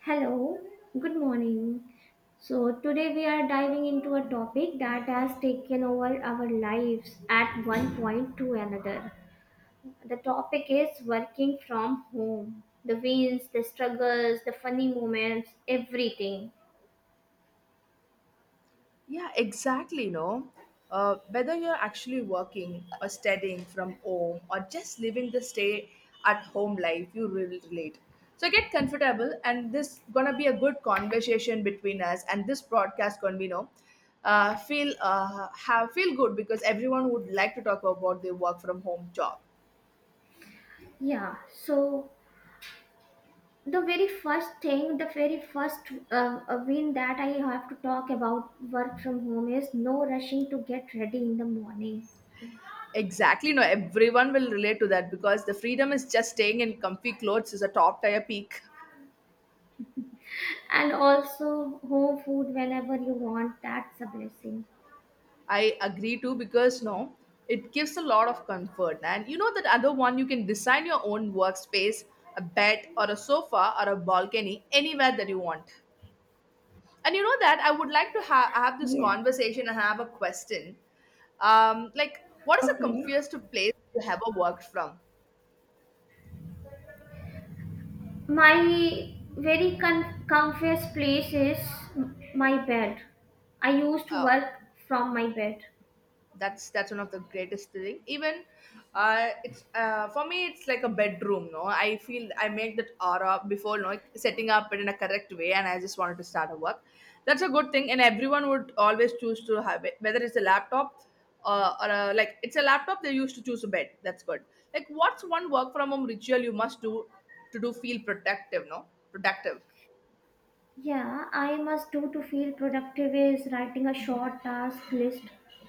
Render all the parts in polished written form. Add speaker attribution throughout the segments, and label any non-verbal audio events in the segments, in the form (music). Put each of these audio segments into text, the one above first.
Speaker 1: Hello, good morning. So, today we are diving into a topic that has taken over our lives at one point to another. The topic is working from home. The wins, the struggles, the funny moments, everything.
Speaker 2: Yeah, exactly. No, whether you're actually working or studying from home or just living the stay at home life, you will relate. So get comfortable, and this gonna be a good conversation between us, and this broadcast gonna be no. Feel have feel good because everyone would like to talk about their work from home job.
Speaker 1: Yeah, so the very first thing, the very first win that I have to talk about work from home is no rushing to get ready in the morning.
Speaker 2: Exactly, no, everyone will relate to that because the freedom is just staying in comfy clothes is a top tier peak.
Speaker 1: And also home food whenever you want, that's a blessing.
Speaker 2: I agree too because no, it gives a lot of comfort. And you know that other one you can design your own workspace, a bed or a sofa or a balcony anywhere that you want. And you know that I would like to have this
Speaker 1: Yes.
Speaker 2: conversation and have a question. Like, what is the
Speaker 1: Okay.
Speaker 2: comfiest place you ever worked from?
Speaker 1: My very comfiest place is my bed. I used to
Speaker 2: Uh,
Speaker 1: work from my bed.
Speaker 2: that's one of the greatest thing even it's for me it's like a bedroom no I feel I make that aura before no. Like, setting up it in a correct way and I just wanted to start a work. That's a good thing and everyone would always choose to have it whether it's a laptop or a, like it's a laptop they used to choose a bed, that's good. Like what's one work from home ritual you must do to do feel productive?
Speaker 1: Yeah, I must do to feel productive is writing a short task list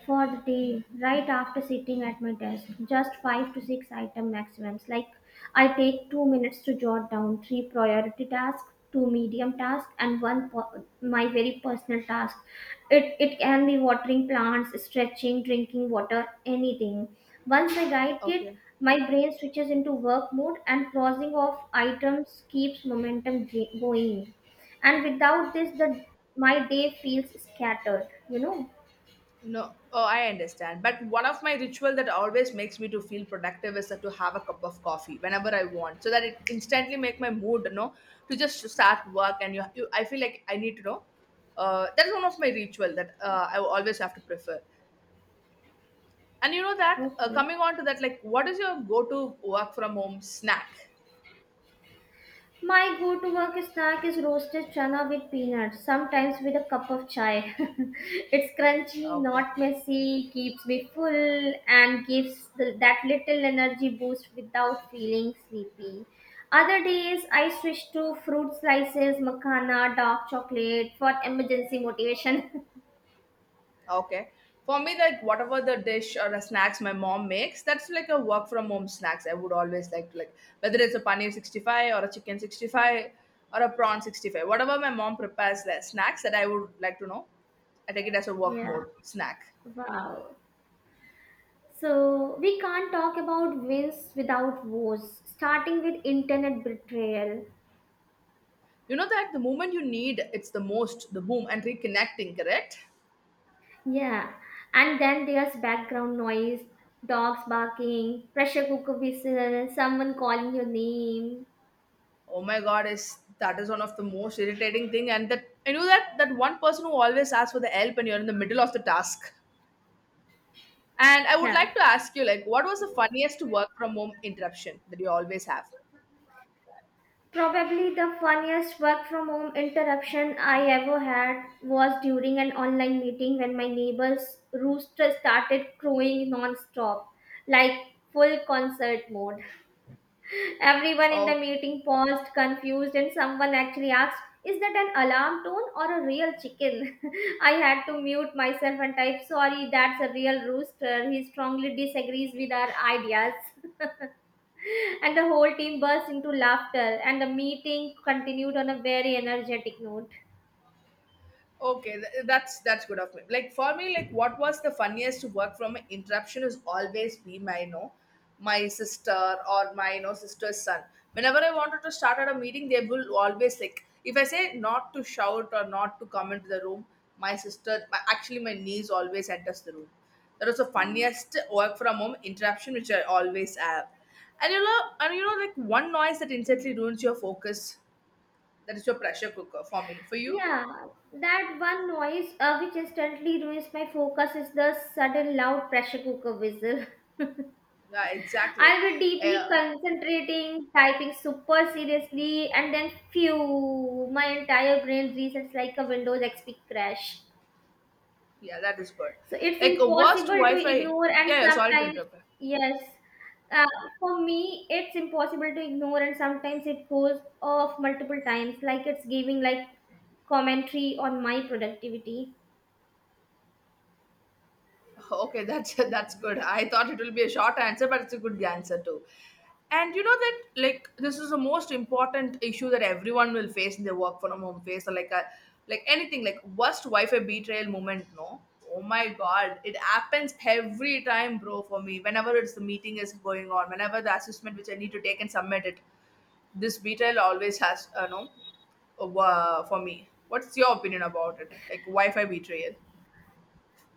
Speaker 1: for the day right after sitting at my desk. Just five to six item maximums. Like I take 2 minutes to jot down three priority tasks, two medium tasks, and one my very personal task. It can be watering plants, stretching, drinking water, anything. Once I write it,
Speaker 2: Okay.
Speaker 1: my brain switches into work mode and crossing off items keeps momentum going, and without this the my day feels scattered.
Speaker 2: No, oh, I understand. But one of my ritual that always makes me to feel productive is to have a cup of coffee whenever I want, so that it instantly make my mood, you know, to just start work. And you I feel like I need to know. That's one of my ritual that I always have to prefer. And you know that
Speaker 1: Okay.
Speaker 2: coming on to that, like, what is your go-to work from home snack?
Speaker 1: My go-to work snack is roasted chana with peanuts, sometimes with a cup of chai. (laughs) It's crunchy,
Speaker 2: Okay.
Speaker 1: not messy, keeps me full and gives that little energy boost without feeling sleepy. Other days I switch to fruit slices, makana, dark chocolate for emergency motivation.
Speaker 2: Okay. For me, like whatever the dish or the snacks my mom makes, that's like a work from home snacks. I would always like to like whether it's a paneer 65 or a chicken 65 or a prawn 65. Whatever my mom prepares the snacks that I would like to know, I take it as a
Speaker 1: (laughs)
Speaker 2: work
Speaker 1: Yeah.
Speaker 2: mode snack.
Speaker 1: Wow. So, we can't talk about wins without woes, starting with internet betrayal.
Speaker 2: You know that the moment you need it's the most the boom and reconnecting, correct?
Speaker 1: Yeah, and then there's background noise, dogs barking, pressure cooker whistle, someone calling your name.
Speaker 2: Oh my god, is that is one of the most irritating thing and that I knew that that one person who always asks for the help and you're in the middle of the task. And I would
Speaker 1: Yeah.
Speaker 2: like to ask you, like, what was the funniest work from home interruption that you always have?
Speaker 1: Probably the funniest work from home interruption I ever had was during an online meeting when my neighbor's rooster started crowing non stop, like full concert mode. Everyone in the
Speaker 2: Oh,
Speaker 1: meeting paused, confused, and someone actually asked, "Is that an alarm tone or a real chicken?" (laughs) I had to mute myself and type, "Sorry, that's a real rooster. He strongly disagrees with our ideas." (laughs) And the whole team burst into laughter, and the meeting continued on a very energetic note.
Speaker 2: okay, that's good of me. Like for me, like what was the funniest to work from an interruption is always be my you know, my sister or my you know sister's son. Whenever I wanted to start at a meeting, they will always like if I say not to shout or not to come into the room, my sister, my, actually my niece always enters the room. That was the funniest work from home interruption which I always have. And you know, like one noise that instantly ruins your focus. That is your pressure cooker for me. For you?
Speaker 1: Yeah, that one noise, which instantly ruins my focus is the sudden loud pressure cooker whistle. (laughs)
Speaker 2: Yeah, exactly.
Speaker 1: I'll be deeply
Speaker 2: Uh,
Speaker 1: concentrating, typing super seriously, and then phew, my entire brain resets like a Windows XP crash.
Speaker 2: yeah, that is good.
Speaker 1: So it's
Speaker 2: Like a worst
Speaker 1: impossible to
Speaker 2: Wi-Fi.
Speaker 1: ignore, and
Speaker 2: Yeah, yeah. Sorry to
Speaker 1: sometimes,
Speaker 2: interrupt. (laughs)
Speaker 1: yes, uh, for me, it's impossible to ignore, and sometimes it goes off multiple times, like it's giving like commentary on my productivity.
Speaker 2: Okay, that's (laughs) that's good. I thought it will be a short answer, but it's a good answer too. And you know that like this is the most important issue that everyone will face in their work from home phase, or like a like anything like worst Wi-Fi betrayal moment. No, oh my god, it happens every time, bro. For me, whenever it's the meeting is going on, whenever the assessment which I need to take and submit it, this betrayal always has. No, For me, what's your opinion about it? Like Wi-Fi betrayal?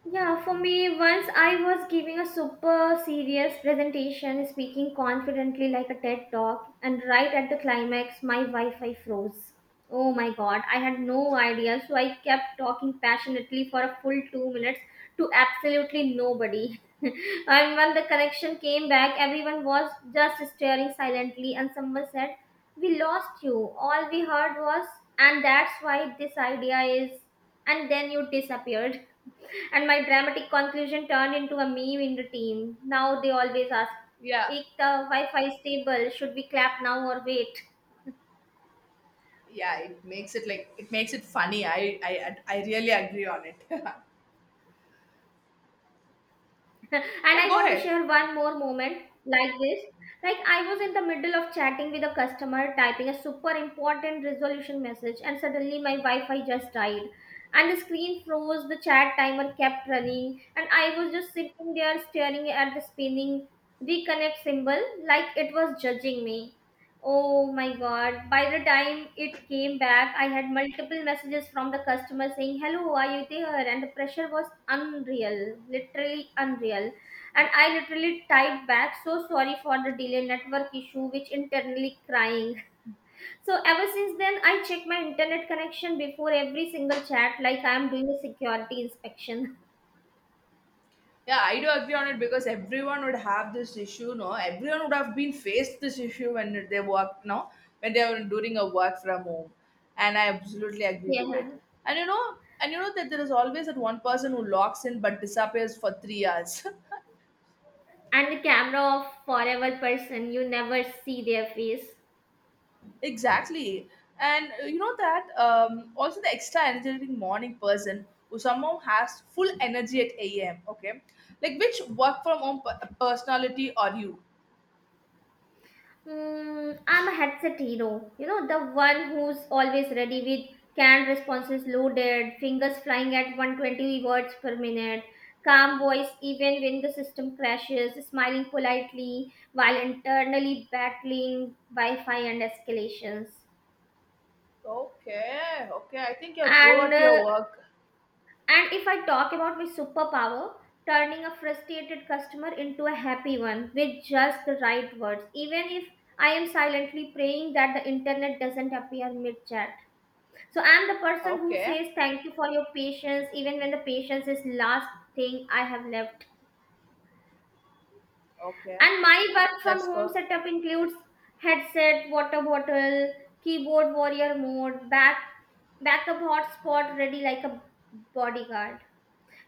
Speaker 1: Yeah, for me, once I was giving a super serious presentation, speaking confidently like a TED talk, and right at the climax, my Wi Fi froze. Oh my god, I had no idea, so I kept talking passionately for a full 2 minutes to absolutely nobody. (laughs) And when the connection came back, everyone was just staring silently, and someone said, "We lost you. All we heard was, 'and that's why this idea is,' and then you disappeared." And my dramatic conclusion turned into a meme in the team. Now they always ask,
Speaker 2: Yeah.
Speaker 1: "Ek the Wi-Fi stable, should we clap now or wait?"
Speaker 2: Yeah, it makes it like it makes it funny. I really agree on it. (laughs)
Speaker 1: (laughs) And
Speaker 2: Yeah,
Speaker 1: I
Speaker 2: go
Speaker 1: want to
Speaker 2: ahead.
Speaker 1: share one more moment like this. Like, I was in the middle of chatting with a customer, typing a super important resolution message, and suddenly my Wi-Fi just died. And the screen froze, the chat timer kept running, and I was just sitting there staring at the spinning reconnect symbol like it was judging me. Oh my god. By the time it came back, I had multiple messages from the customer saying, "Hello, are you there?" And the pressure was unreal, literally unreal. And I literally typed back, "So sorry for the delay, network issue," which internally crying. (laughs) So ever since then, I check my internet connection before every single chat, like I'm doing a security inspection.
Speaker 2: Yeah, I do agree on it because everyone would have this issue, no? Everyone would have been faced this issue when they work, no? When they were doing a work from home. And I absolutely
Speaker 1: (laughs)
Speaker 2: agree to it.
Speaker 1: Yeah.
Speaker 2: And you know, that there is always that one person who logs in but disappears for 3 hours. (laughs)
Speaker 1: And the camera of forever person, you never see their face.
Speaker 2: Exactly. And you know that also the extra energetic morning person who somehow has full energy at 8 a.m. Okay. Like which work from personality are you?
Speaker 1: Hmm, I'm a headset hero. You know, the one who's always ready with canned responses loaded, fingers flying at 120 words per minute, calm voice even when the system crashes, smiling politely while internally battling Wi Fi and escalations.
Speaker 2: Okay. Okay, I think you're pro
Speaker 1: And
Speaker 2: at your
Speaker 1: uh,
Speaker 2: work.
Speaker 1: And if I talk about my superpower, turning a frustrated customer into a happy one with just the right words, even if I am silently praying that the internet doesn't appear mid chat. So I'm the person who
Speaker 2: Okay.
Speaker 1: says thank you for your patience, even when the patience is last thing I have left.
Speaker 2: Okay,
Speaker 1: And my work from
Speaker 2: that's
Speaker 1: home
Speaker 2: good.
Speaker 1: setup includes headset, water bottle, keyboard warrior mode, backup hotspot ready like a bodyguard.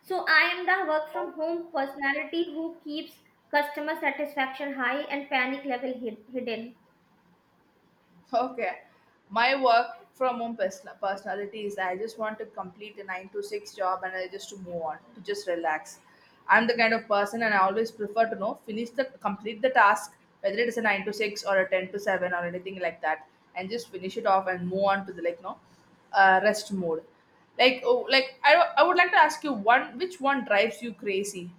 Speaker 1: So I am the work from
Speaker 2: Okay.
Speaker 1: home personality who keeps customer satisfaction high and panic level hidden.
Speaker 2: Okay, my work from home personal personality is that I just want to complete a nine to six job and I just to move on, to just relax. I'm the kind of person and I always prefer to know, finish the complete the task, whether it is a nine to six or a ten to seven or anything like that, and just finish it off and move on to the like no rest mode. Like oh, like I would like to ask you one which one drives you crazy?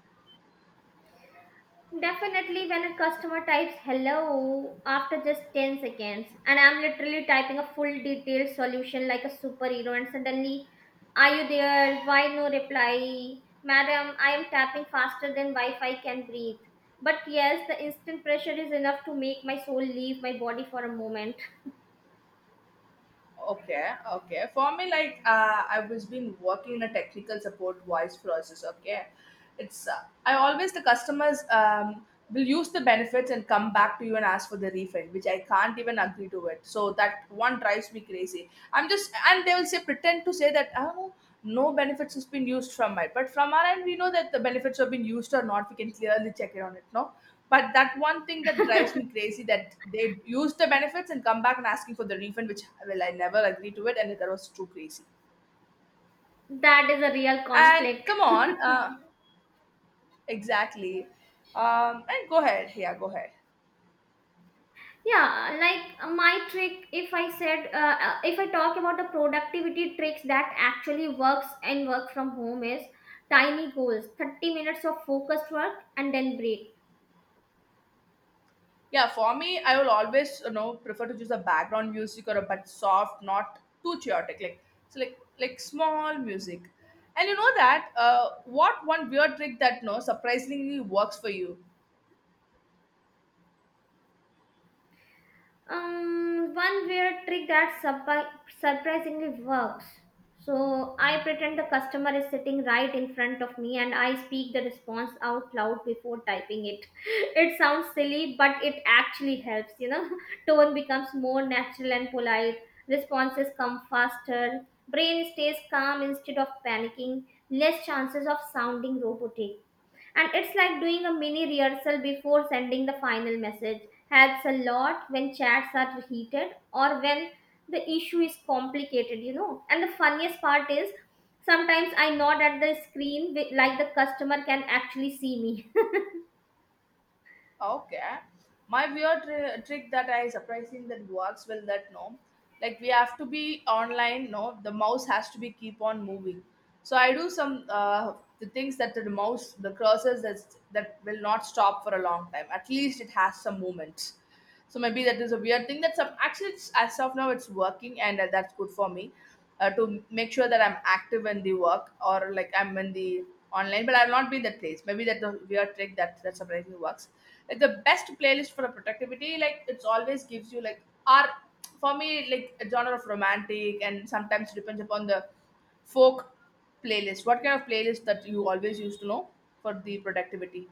Speaker 1: Definitely, when a customer types hello after just 10 seconds, and I'm literally typing a full detailed solution like a superhero, and suddenly, "Are you there? Why no reply?" Madam, I am tapping faster than Wi Fi can breathe. But yes, the instant pressure is enough to make my soul leave my body for a moment.
Speaker 2: Okay, okay, for me like I was been working in a technical support voice process. Okay, it's I always the customers will use the benefits and come back to you and ask for the refund which I can't even agree to it, so that one drives me crazy. I'm just and they will say pretend to say that oh, no benefits has been used from my, but from our end we know that the benefits have been used or not, we can clearly check it on it, no. But that one thing that drives me crazy that they use the benefits and come back and asking for the refund, which well I never agree to it, and that was too crazy.
Speaker 1: That is a real
Speaker 2: And
Speaker 1: conflict.
Speaker 2: come
Speaker 1: (laughs)
Speaker 2: on, exactly. And go ahead.
Speaker 1: Yeah, like, my trick, if I said, if I talk about the productivity tricks that actually works and work from home is tiny goals, 30 minutes of focused work and then break.
Speaker 2: Yeah, for me, I will always you know prefer to choose a background music or a but soft, not too chaotic, like so like small music. And you know that what one weird trick that no surprisingly works for you?
Speaker 1: One weird trick that surprisingly works. So I pretend the customer is sitting right in front of me and I speak the response out loud before typing it. (laughs) It sounds silly, but it actually helps, you know. (laughs) Tone becomes more natural and polite, responses come faster, brain stays calm instead of panicking, less chances of sounding robotic. And it's like doing a mini rehearsal before sending the final message. Helps a lot when chats are heated or when the issue is complicated, you know. And the funniest part is sometimes I nod at the screen like the customer can actually see me. (laughs)
Speaker 2: Okay. My weird trick that I surprising that works well that no. Like we have to be online, no. The mouse has to be keep on moving. So I do some the things that the mouse, the cursors that that will not stop for a long time. At least it has some movement. So maybe that is a weird thing that some actually it's, as of now it's working and that's good for me to make sure that I'm active in the work or like I'm in the online, but I've not been that place. Maybe that's the weird trick that that surprisingly works. Like the best playlist for productivity, like it's always gives you like are for me like a genre of romantic and sometimes depends upon the folk playlist. What kind of playlist that you always used to know for the productivity?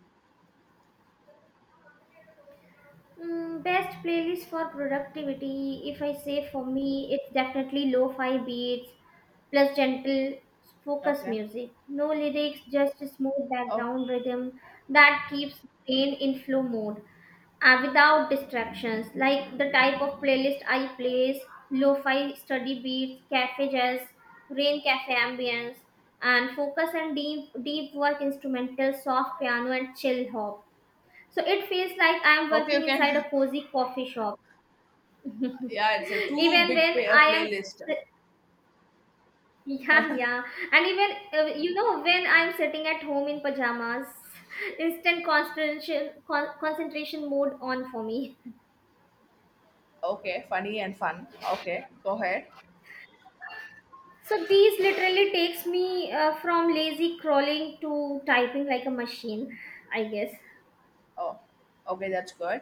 Speaker 1: Mm, best playlist for productivity, if I say for me, it's definitely lo fi beats plus gentle focus
Speaker 2: Okay.
Speaker 1: music. No lyrics, just a smooth
Speaker 2: Oh,
Speaker 1: background rhythm that keeps brain in flow mode, without distractions. Like the type of playlist I plays, lo-fi study beats, cafe jazz, rain cafe ambience, and focus and deep work instrumental, soft piano and chill hop. So it feels like I am
Speaker 2: okay, you
Speaker 1: working inside
Speaker 2: can.
Speaker 1: a
Speaker 2: (laughs)
Speaker 1: cozy coffee shop.
Speaker 2: Yeah, it's a
Speaker 1: (laughs)
Speaker 2: two
Speaker 1: Even
Speaker 2: big
Speaker 1: when I am
Speaker 2: playlist.
Speaker 1: (laughs) yeah, yeah, and even you know, when I'm sitting at home in pajamas (laughs) instant concentration mode on for me.
Speaker 2: Okay, funny and fun. Okay, go ahead.
Speaker 1: So these literally takes me from lazy crawling to typing like a machine, I guess.
Speaker 2: Oh, okay, that's good.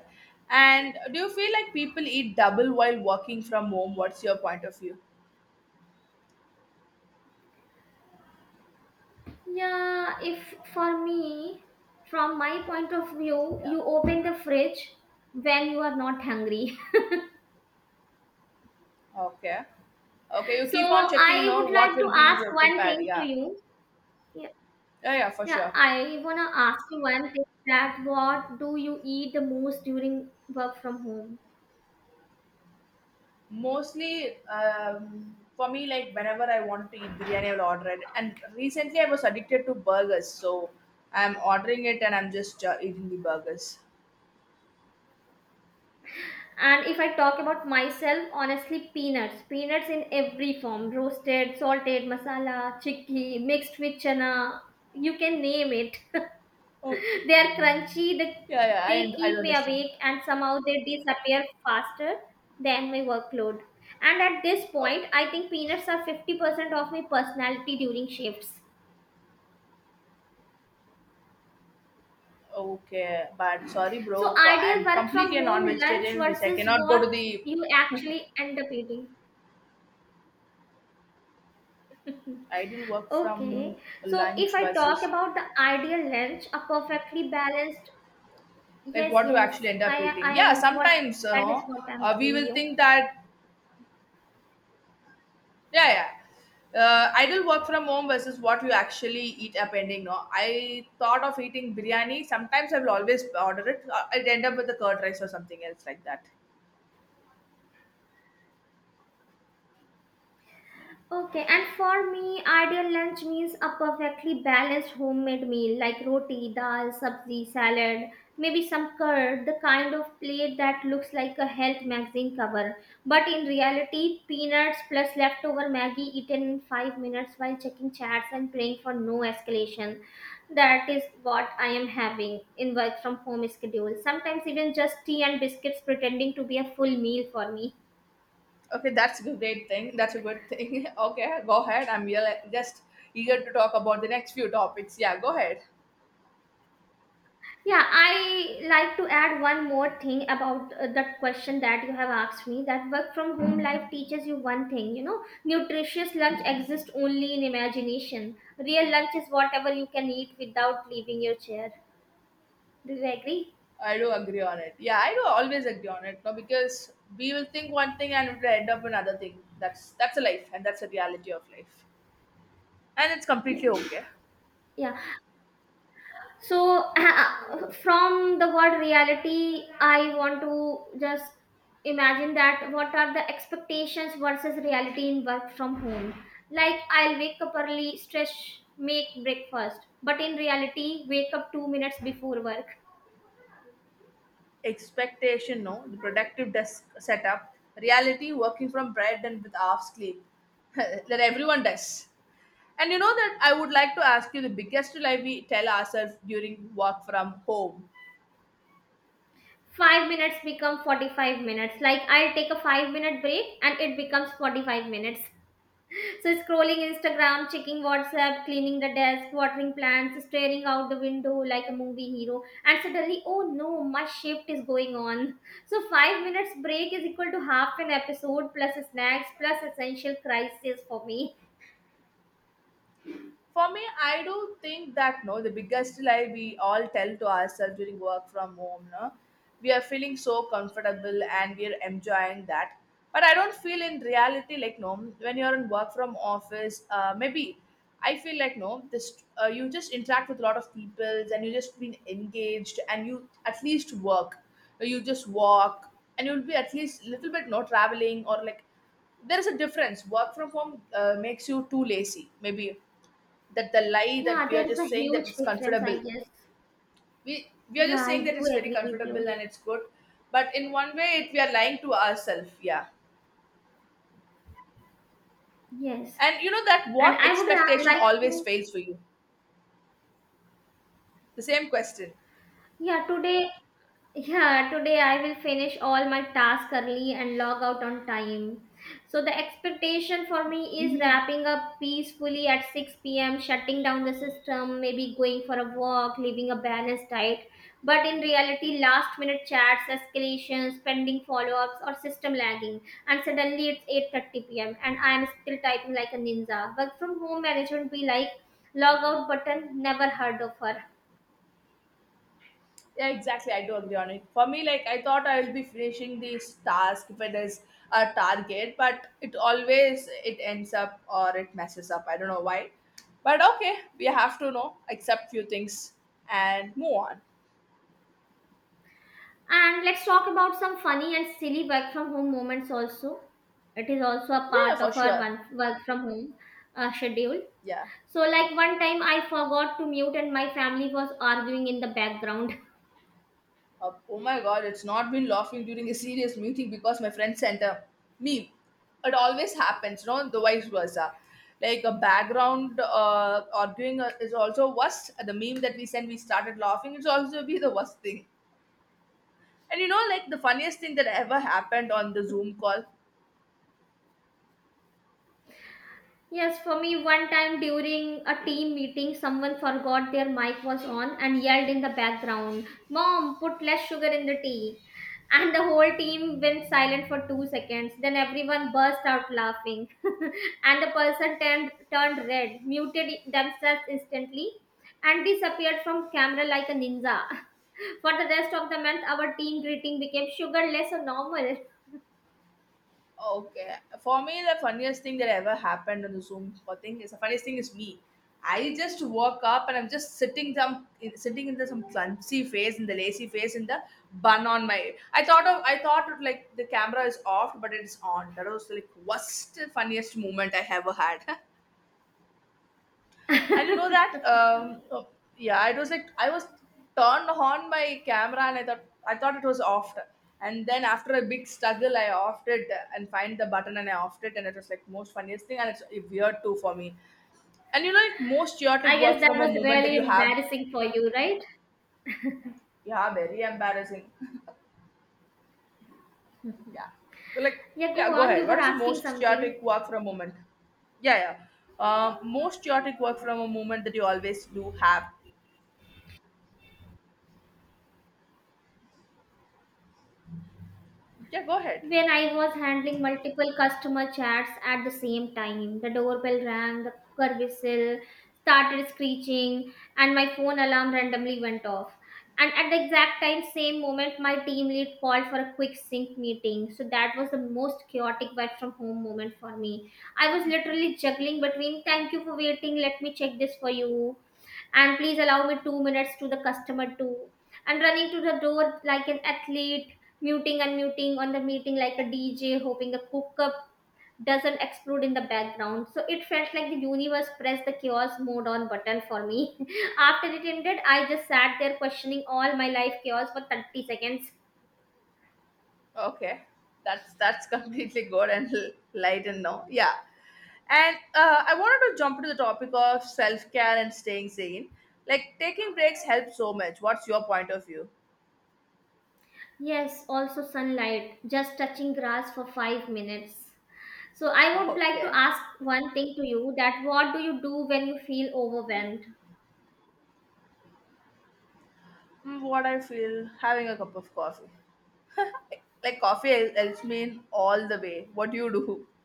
Speaker 2: And do you feel like people eat double while working from home? What's your point of view?
Speaker 1: Yeah, if for me, from my point of view,
Speaker 2: Yeah.
Speaker 1: you open the fridge when you are not hungry.
Speaker 2: Okay. Okay,
Speaker 1: (laughs)
Speaker 2: you
Speaker 1: So
Speaker 2: keep on checking.
Speaker 1: I
Speaker 2: No,
Speaker 1: would
Speaker 2: what
Speaker 1: like to
Speaker 2: will be
Speaker 1: ask one
Speaker 2: prepared?
Speaker 1: thing to
Speaker 2: Yeah.
Speaker 1: you. Yeah,
Speaker 2: Yeah, yeah, for
Speaker 1: yeah,
Speaker 2: sure.
Speaker 1: I wanna ask you one thing, that what do you eat the most during work from home?
Speaker 2: Mostly, for me, like whenever I want to eat biryani, I'll order it. And recently, I was addicted to burgers, so I'm ordering it and I'm just eating the burgers.
Speaker 1: And if I talk about myself, honestly, peanuts. Peanuts in every form, roasted, salted, masala, chickpea, mixed with chana. You can name it.
Speaker 2: Okay.
Speaker 1: (laughs) They are crunchy,
Speaker 2: Yeah, yeah,
Speaker 1: they
Speaker 2: I don't
Speaker 1: keep me
Speaker 2: understand.
Speaker 1: awake, and somehow they disappear faster than my workload. And at this
Speaker 2: Oh,
Speaker 1: point, I think peanuts are 50% of my personality during shifts.
Speaker 2: okay, but sorry,
Speaker 1: So,
Speaker 2: bro, for
Speaker 1: ideal
Speaker 2: I'm
Speaker 1: work from
Speaker 2: completely a
Speaker 1: home lunch
Speaker 2: non-vegetarian, which I
Speaker 1: versus
Speaker 2: cannot go
Speaker 1: what
Speaker 2: to the
Speaker 1: you actually end up eating.
Speaker 2: ideal work
Speaker 1: Okay,
Speaker 2: from
Speaker 1: so if
Speaker 2: lunch
Speaker 1: I talk
Speaker 2: versus
Speaker 1: about the ideal lunch, a perfectly balanced,
Speaker 2: like
Speaker 1: yes,
Speaker 2: what you
Speaker 1: yes,
Speaker 2: actually end up eating.
Speaker 1: I
Speaker 2: Yeah,
Speaker 1: am what
Speaker 2: sometimes you
Speaker 1: that is
Speaker 2: know
Speaker 1: what I'm
Speaker 2: we
Speaker 1: telling
Speaker 2: will
Speaker 1: you.
Speaker 2: think that yeah, yeah. Ideal work from home versus what you actually eat up ending. No, I thought of eating biryani. Sometimes I will always order it. I'd end up with the curd rice or something else like that.
Speaker 1: Okay, and for me, ideal lunch means a perfectly balanced homemade meal like roti, dal, sabzi, salad, maybe some curd, the kind of plate that looks like a health magazine cover. But in reality, peanuts plus leftover Maggie eaten in 5 minutes while checking chats and praying for no escalation. That is what I am having in work from home schedule. Sometimes even just tea and biscuits pretending to be a full meal for me.
Speaker 2: Okay, that's a great thing. That's a good thing. (laughs) Okay, go ahead. I'm really just eager to talk about the next few topics. Yeah, go ahead.
Speaker 1: Yeah, I like to add one more thing about that question that you have asked me, that work from home life teaches you one thing, you know, nutritious lunch exists only in imagination. Real lunch is whatever you can eat without leaving your chair. Do you agree?
Speaker 2: I do agree on it. Yeah, I do always agree on it. No, because we will think one thing and it will end up another thing. That's a life and that's a reality of life. And it's completely okay.
Speaker 1: Yeah. So, (laughs) from the word reality, I want to just imagine that what are the expectations versus reality in work from home. Like, I'll wake up early, stretch, make breakfast, but in reality, wake up 2 minutes before work.
Speaker 2: Expectation, no, the productive desk setup. Reality, working from bed and with half sleep. (laughs) That everyone does. And you know that I would like to ask you, the biggest lie we tell ourselves during work from home?
Speaker 1: 5 minutes become 45 minutes. Like, I'll take a 5 minute break and it becomes 45 minutes. So scrolling Instagram, checking WhatsApp, cleaning the desk, watering plants, staring out the window like a movie hero, and suddenly, oh no, my shift is going on. So 5 minutes break is equal to half an episode plus snacks plus essential crisis for me.
Speaker 2: For me, I do think that no, the biggest lie we all tell to ourselves during work from home, no, we are feeling so comfortable and we are enjoying that. But I don't feel in reality like no, when you're in work from office, maybe I feel like no, this you just interact with a lot of people and you just been engaged and you at least work, you just walk and you'll be at least little bit no traveling or like there is a difference. Work from home makes you too lazy, maybe, that the lie
Speaker 1: Yeah,
Speaker 2: that we are
Speaker 1: there is a
Speaker 2: just saying that
Speaker 1: huge
Speaker 2: it's
Speaker 1: difference, I
Speaker 2: comfortable.
Speaker 1: guess.
Speaker 2: We are
Speaker 1: Yeah,
Speaker 2: just
Speaker 1: I
Speaker 2: saying that
Speaker 1: do
Speaker 2: it's very
Speaker 1: agree with you.
Speaker 2: comfortable and it's good, but in one way it, we are lying to ourselves, yeah.
Speaker 1: Yes,
Speaker 2: And you know that,
Speaker 1: and
Speaker 2: what
Speaker 1: I would
Speaker 2: expectation
Speaker 1: like
Speaker 2: always
Speaker 1: to.
Speaker 2: fails for you? The same question.
Speaker 1: Yeah, today. Yeah, today I will finish all my tasks early and log out on time. So the expectation for me is wrapping up peacefully at 6 p.m., shutting down the system, maybe going for a walk, living a balanced diet. But in reality, last minute chats, escalations, pending follow-ups or system lagging, and suddenly it's 8:30 p.m. and I am still typing like a ninja. Work from home management be like, log out button, never heard of her.
Speaker 2: Yeah, exactly, I do agree on it. For me, like, I thought I will be finishing this task if it is a target, but it always it ends up or it messes up, I don't know why. But okay, we have to know accept few things and move on.
Speaker 1: And let's talk about some funny and silly work from home moments also. It is also a
Speaker 2: Yeah,
Speaker 1: part
Speaker 2: for
Speaker 1: of our
Speaker 2: sure.
Speaker 1: one work from home schedule.
Speaker 2: Yeah.
Speaker 1: So, like, one time I forgot to mute and my family was arguing in the background. (laughs)
Speaker 2: Oh my god, it's not been laughing during a serious meeting because my friend sent a meme. It always happens, you know, the vice versa. Like a background arguing is also worst. The meme that we send, we started laughing. It's also be the worst thing. And you know, like, the funniest thing that ever happened on the Zoom call?
Speaker 1: Yes, for me, one time during a team meeting, someone forgot their mic was on and yelled in the background, Mom, put less sugar in the tea. And the whole team went silent for 2 seconds. Then everyone burst out laughing. (laughs) And the person turned red, muted themselves instantly, and disappeared from camera like a ninja. (laughs) For the rest of the month, our team greeting became sugarless or normal.
Speaker 2: Okay. For me, the funniest thing that ever happened on the Zoom call thing is the funniest thing is me. I just woke up and I'm just sitting some sitting in the some clumsy face in the lazy face in the bun on my. I thought of like the camera is off but it's on. That was like worst funniest moment I ever had. (laughs) And you know that, oh, yeah, I was turned on my camera, and I thought it was off. And then after a big struggle, I offed it and find the button, and I offed it, and it was like most funniest thing, and it's weird too for me. And you know, like, most chaotic
Speaker 1: I
Speaker 2: work
Speaker 1: guess that
Speaker 2: from a
Speaker 1: was
Speaker 2: moment that
Speaker 1: really
Speaker 2: you have?
Speaker 1: embarrassing for you, right?
Speaker 2: Yeah, very embarrassing. (laughs) Yeah, but like,
Speaker 1: Yeah,
Speaker 2: yeah,
Speaker 1: go
Speaker 2: go
Speaker 1: on. You
Speaker 2: ahead.
Speaker 1: were
Speaker 2: What is the
Speaker 1: asking
Speaker 2: most
Speaker 1: something.
Speaker 2: chaotic work from a moment? Yeah, yeah. Most chaotic work from a moment that you always do have. Yeah, go ahead.
Speaker 1: When I was handling multiple customer chats at the same time, the doorbell rang, the cooker whistle started screeching, and my phone alarm randomly went off. And at the exact time, same moment, my team lead called for a quick sync meeting. So that was the most chaotic work from home moment for me. I was literally juggling between thank you for waiting, let me check this for you, and please allow me 2 minutes to the customer too, and running to the door like an athlete, muting and muting on the meeting like a DJ, hoping the hookup doesn't explode in the background. So it felt like the universe pressed the chaos mode on button for me. (laughs) After it ended, I just sat there questioning all my life chaos for 30 seconds.
Speaker 2: Okay, that's (laughs) completely good and light and no, yeah. And I wanted to jump to the topic of self care and staying sane. Like, taking breaks helps so much. What's your point of view?
Speaker 1: Yes, also sunlight, just touching grass for 5 minutes. So I
Speaker 2: (laughs)
Speaker 1: would like to
Speaker 2: Okay.
Speaker 1: ask one thing to you, that what do you do when you feel overwhelmed?
Speaker 2: Mm, what I feel, having a cup of coffee. Like, coffee helps me in all the way. What do you do? (laughs)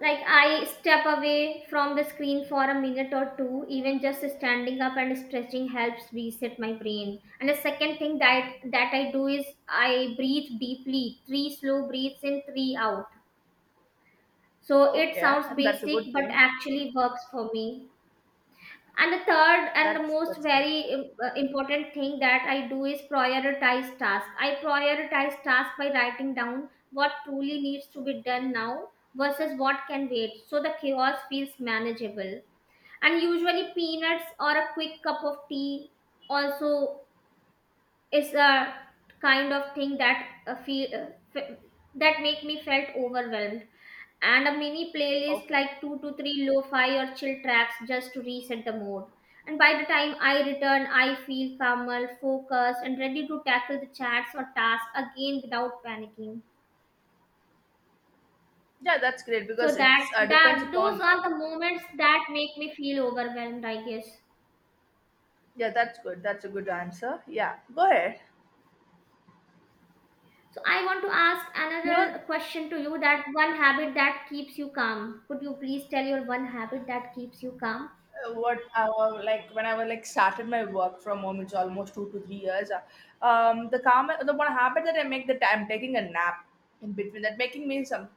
Speaker 1: Like, I step away from the screen for a minute or two. Even just standing up and stretching helps reset my brain. And the second thing that I do is I breathe deeply, three slow breaths in, three out. So it
Speaker 2: Okay,
Speaker 1: sounds
Speaker 2: and that's a
Speaker 1: basic,
Speaker 2: good
Speaker 1: but
Speaker 2: thing.
Speaker 1: actually works for me. And the third and the most
Speaker 2: That's good.
Speaker 1: very important thing that I do is prioritize tasks. I prioritize tasks by writing down what truly needs to be done now versus what can wait, so the chaos feels manageable. And usually, peanuts or a quick cup of tea also, it's a kind of thing that feel f- that make me felt overwhelmed. And a mini playlist,
Speaker 2: Okay,
Speaker 1: like 2 to 3 lo-fi or chill tracks just to reset the mood. And by the time I return, I feel calmer, focused, and ready to tackle the chats or tasks again without panicking.
Speaker 2: yeah, that's great
Speaker 1: So
Speaker 2: because
Speaker 1: that
Speaker 2: it's depends
Speaker 1: that those
Speaker 2: upon no.
Speaker 1: are the moments that make me feel overwhelmed, I guess.
Speaker 2: Yeah, that's good. That's a good answer. Yeah, go ahead.
Speaker 1: So I want to ask
Speaker 2: You know,
Speaker 1: another question to you, that one habit that keeps you calm. Could you please tell your one habit that keeps you calm?
Speaker 2: what like when I was like started my work from home, it's almost 2 to 3 years. The calm, the one habit that I make that I'm taking a nap in between that making me some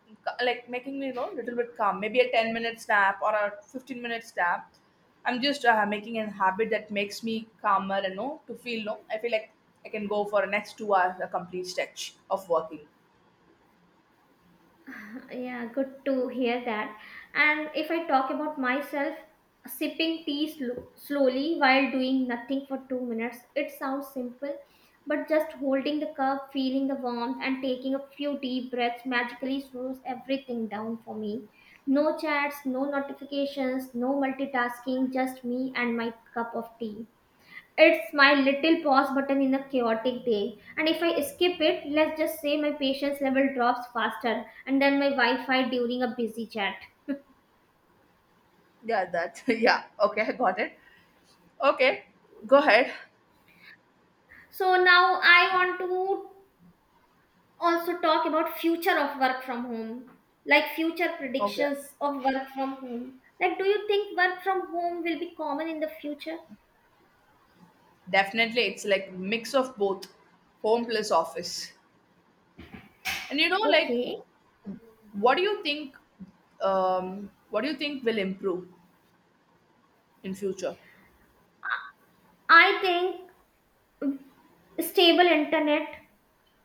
Speaker 2: like making me, you know, little bit calm, maybe a 10 minutes nap or a 15 minutes nap. I'm just making a habit that makes me calmer and know to feel no. I feel like I can go for next 2 hours a complete stretch of working.
Speaker 1: (laughs) Yeah, good to hear that. And if I talk about myself, sipping tea slowly while doing nothing for 2 minutes, it sounds simple, but just holding the cup, feeling the warmth and taking a few deep breaths magically slows everything down for me. No chats, no notifications, no multitasking, just me and my cup of tea. It's my little pause button in a chaotic day. And if I skip it, let's just say my patience level drops faster and then my Wi Fi during a busy chat.
Speaker 2: Yeah, that (laughs) yeah. Okay, I got it. Okay, go ahead.
Speaker 1: So now I want to also talk about future of work from home, like future
Speaker 2: Okay.
Speaker 1: predictions of work from home. Like, do you think work from home will be common in the future?
Speaker 2: Definitely, it's like mix of both, home plus office. And you know, like,
Speaker 1: Okay.
Speaker 2: what do you think? What do you think will improve in future?
Speaker 1: I think stable internet,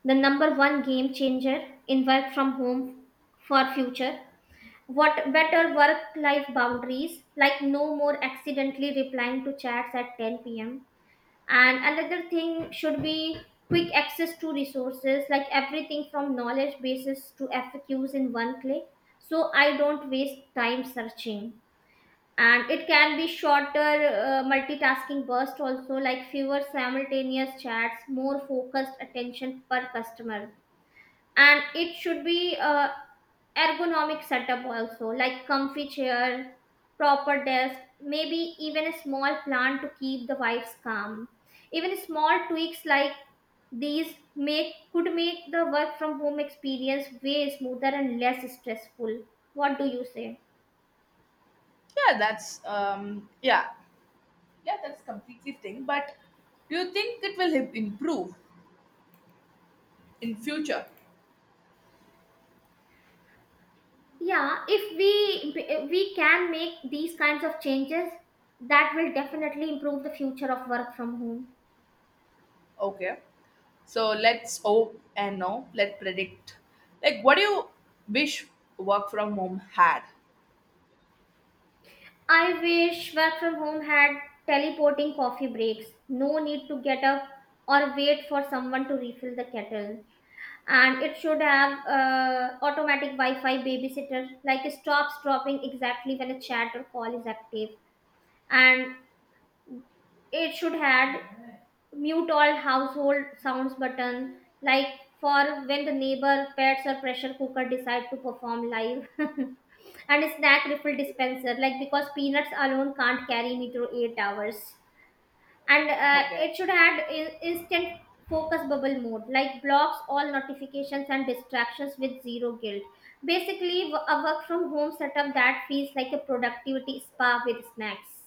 Speaker 1: the number one game changer in work from home for future. What better
Speaker 2: Okay.
Speaker 1: work life boundaries, like no more accidentally replying to chats at 10 pm. And another thing should be quick access to resources, like everything from knowledge bases to FAQs in one click. So I don't waste time searching. And it can be shorter multitasking burst also, like fewer simultaneous chats, more focused attention per customer. And it should be a ergonomic setup also, like comfy chair, proper desk, maybe even a small plant to keep the vibes calm. Even small tweaks like these make could make the work from home experience way smoother and less stressful. What do you say?
Speaker 2: Yeah, that's yeah, yeah, that's completely thing. But do you think it will improve in future?
Speaker 1: Yeah, if we can make these kinds of changes, that will definitely improve the future of work from home.
Speaker 2: Okay. So let's hope and now let's predict. Like, what do you wish work from home had?
Speaker 1: I wish work from home had teleporting coffee breaks. No need to get up or wait for someone to refill the kettle. And it should have automatic Wi Fi babysitter, like stops dropping exactly when a chat or call is active. And it should have mute all household sounds button, like for when the neighbor, pets, or pressure cooker decide to perform live. (laughs) And a snack refill dispenser, like because peanuts alone can't carry me through 8 hours. And
Speaker 2: Okay.
Speaker 1: it should have in- instant focus bubble mode, like blocks all notifications and distractions with zero guilt. Basically a work from home setup that feels like a productivity spa with snacks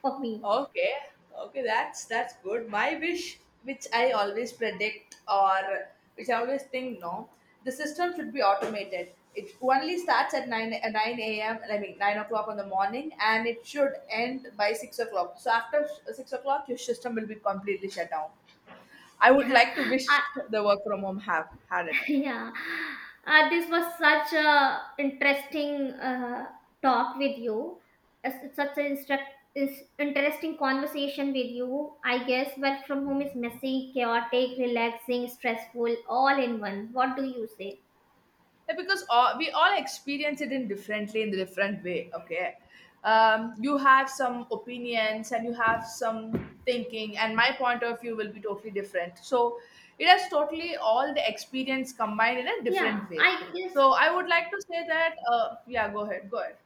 Speaker 1: for me.
Speaker 2: Okay, okay, that's good. My wish, which I always predict or which I always think, no, the system should be automated. It only starts at nine a.m. I mean 9 o'clock on the morning, and it should end by 6 o'clock. So after 6 o'clock, your system will be completely shut down. I
Speaker 1: (laughs)
Speaker 2: would
Speaker 1: Yeah.
Speaker 2: like to wish the work from home have had it.
Speaker 1: (laughs) Yeah, this was such a interesting talk with you. It's such an instruct- is interesting conversation with you. I guess work from home is messy, chaotic, relaxing, stressful, all in one. What do you say?
Speaker 2: Yeah, because all, we all experience it in differently in the different way. Okay, you have some opinions and you have some thinking and my point of view will be totally different, so it has totally all the experience combined in a
Speaker 1: Yeah,
Speaker 2: different way.
Speaker 1: I guess.
Speaker 2: So I would like to say that yeah, go ahead, go ahead,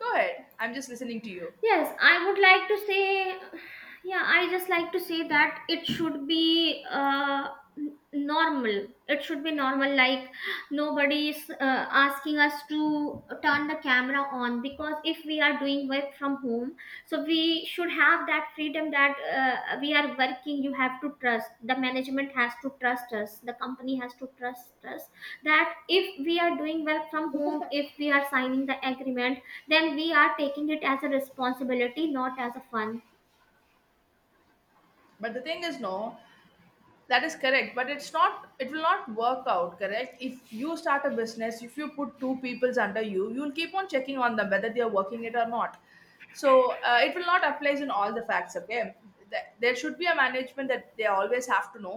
Speaker 2: go ahead, I'm just listening to you.
Speaker 1: Yes, I would like to say, yeah, I just like to say that it should be normal. It should be normal, like nobody is asking us to turn the camera on, because if we are doing work from home, so we should have that freedom that we are working. You have to trust, the management has to trust us, the company has to trust us, that if we are doing well from home, if we are signing the agreement, then we are taking it as a responsibility, not as a fun.
Speaker 2: But the thing is no. That is correct, but it's not. It will not work out, correct? If you start a business, if you put 2 peoples under you, you'll keep on checking on them whether they are working it or not. So it will not apply in all the facts. Okay. There should be a management that they always have to know,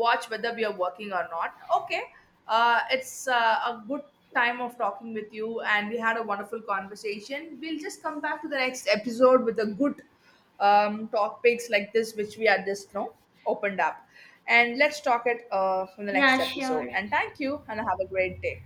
Speaker 2: watch whether we are working or not. Okay, it's a good time of talking with you, and we had a wonderful conversation. We'll just come back to the next episode with a good topics like this which we are just, you know, opened up. And let's talk it from the
Speaker 1: Yeah,
Speaker 2: next episode.
Speaker 1: sure.
Speaker 2: And thank you, and have a great day.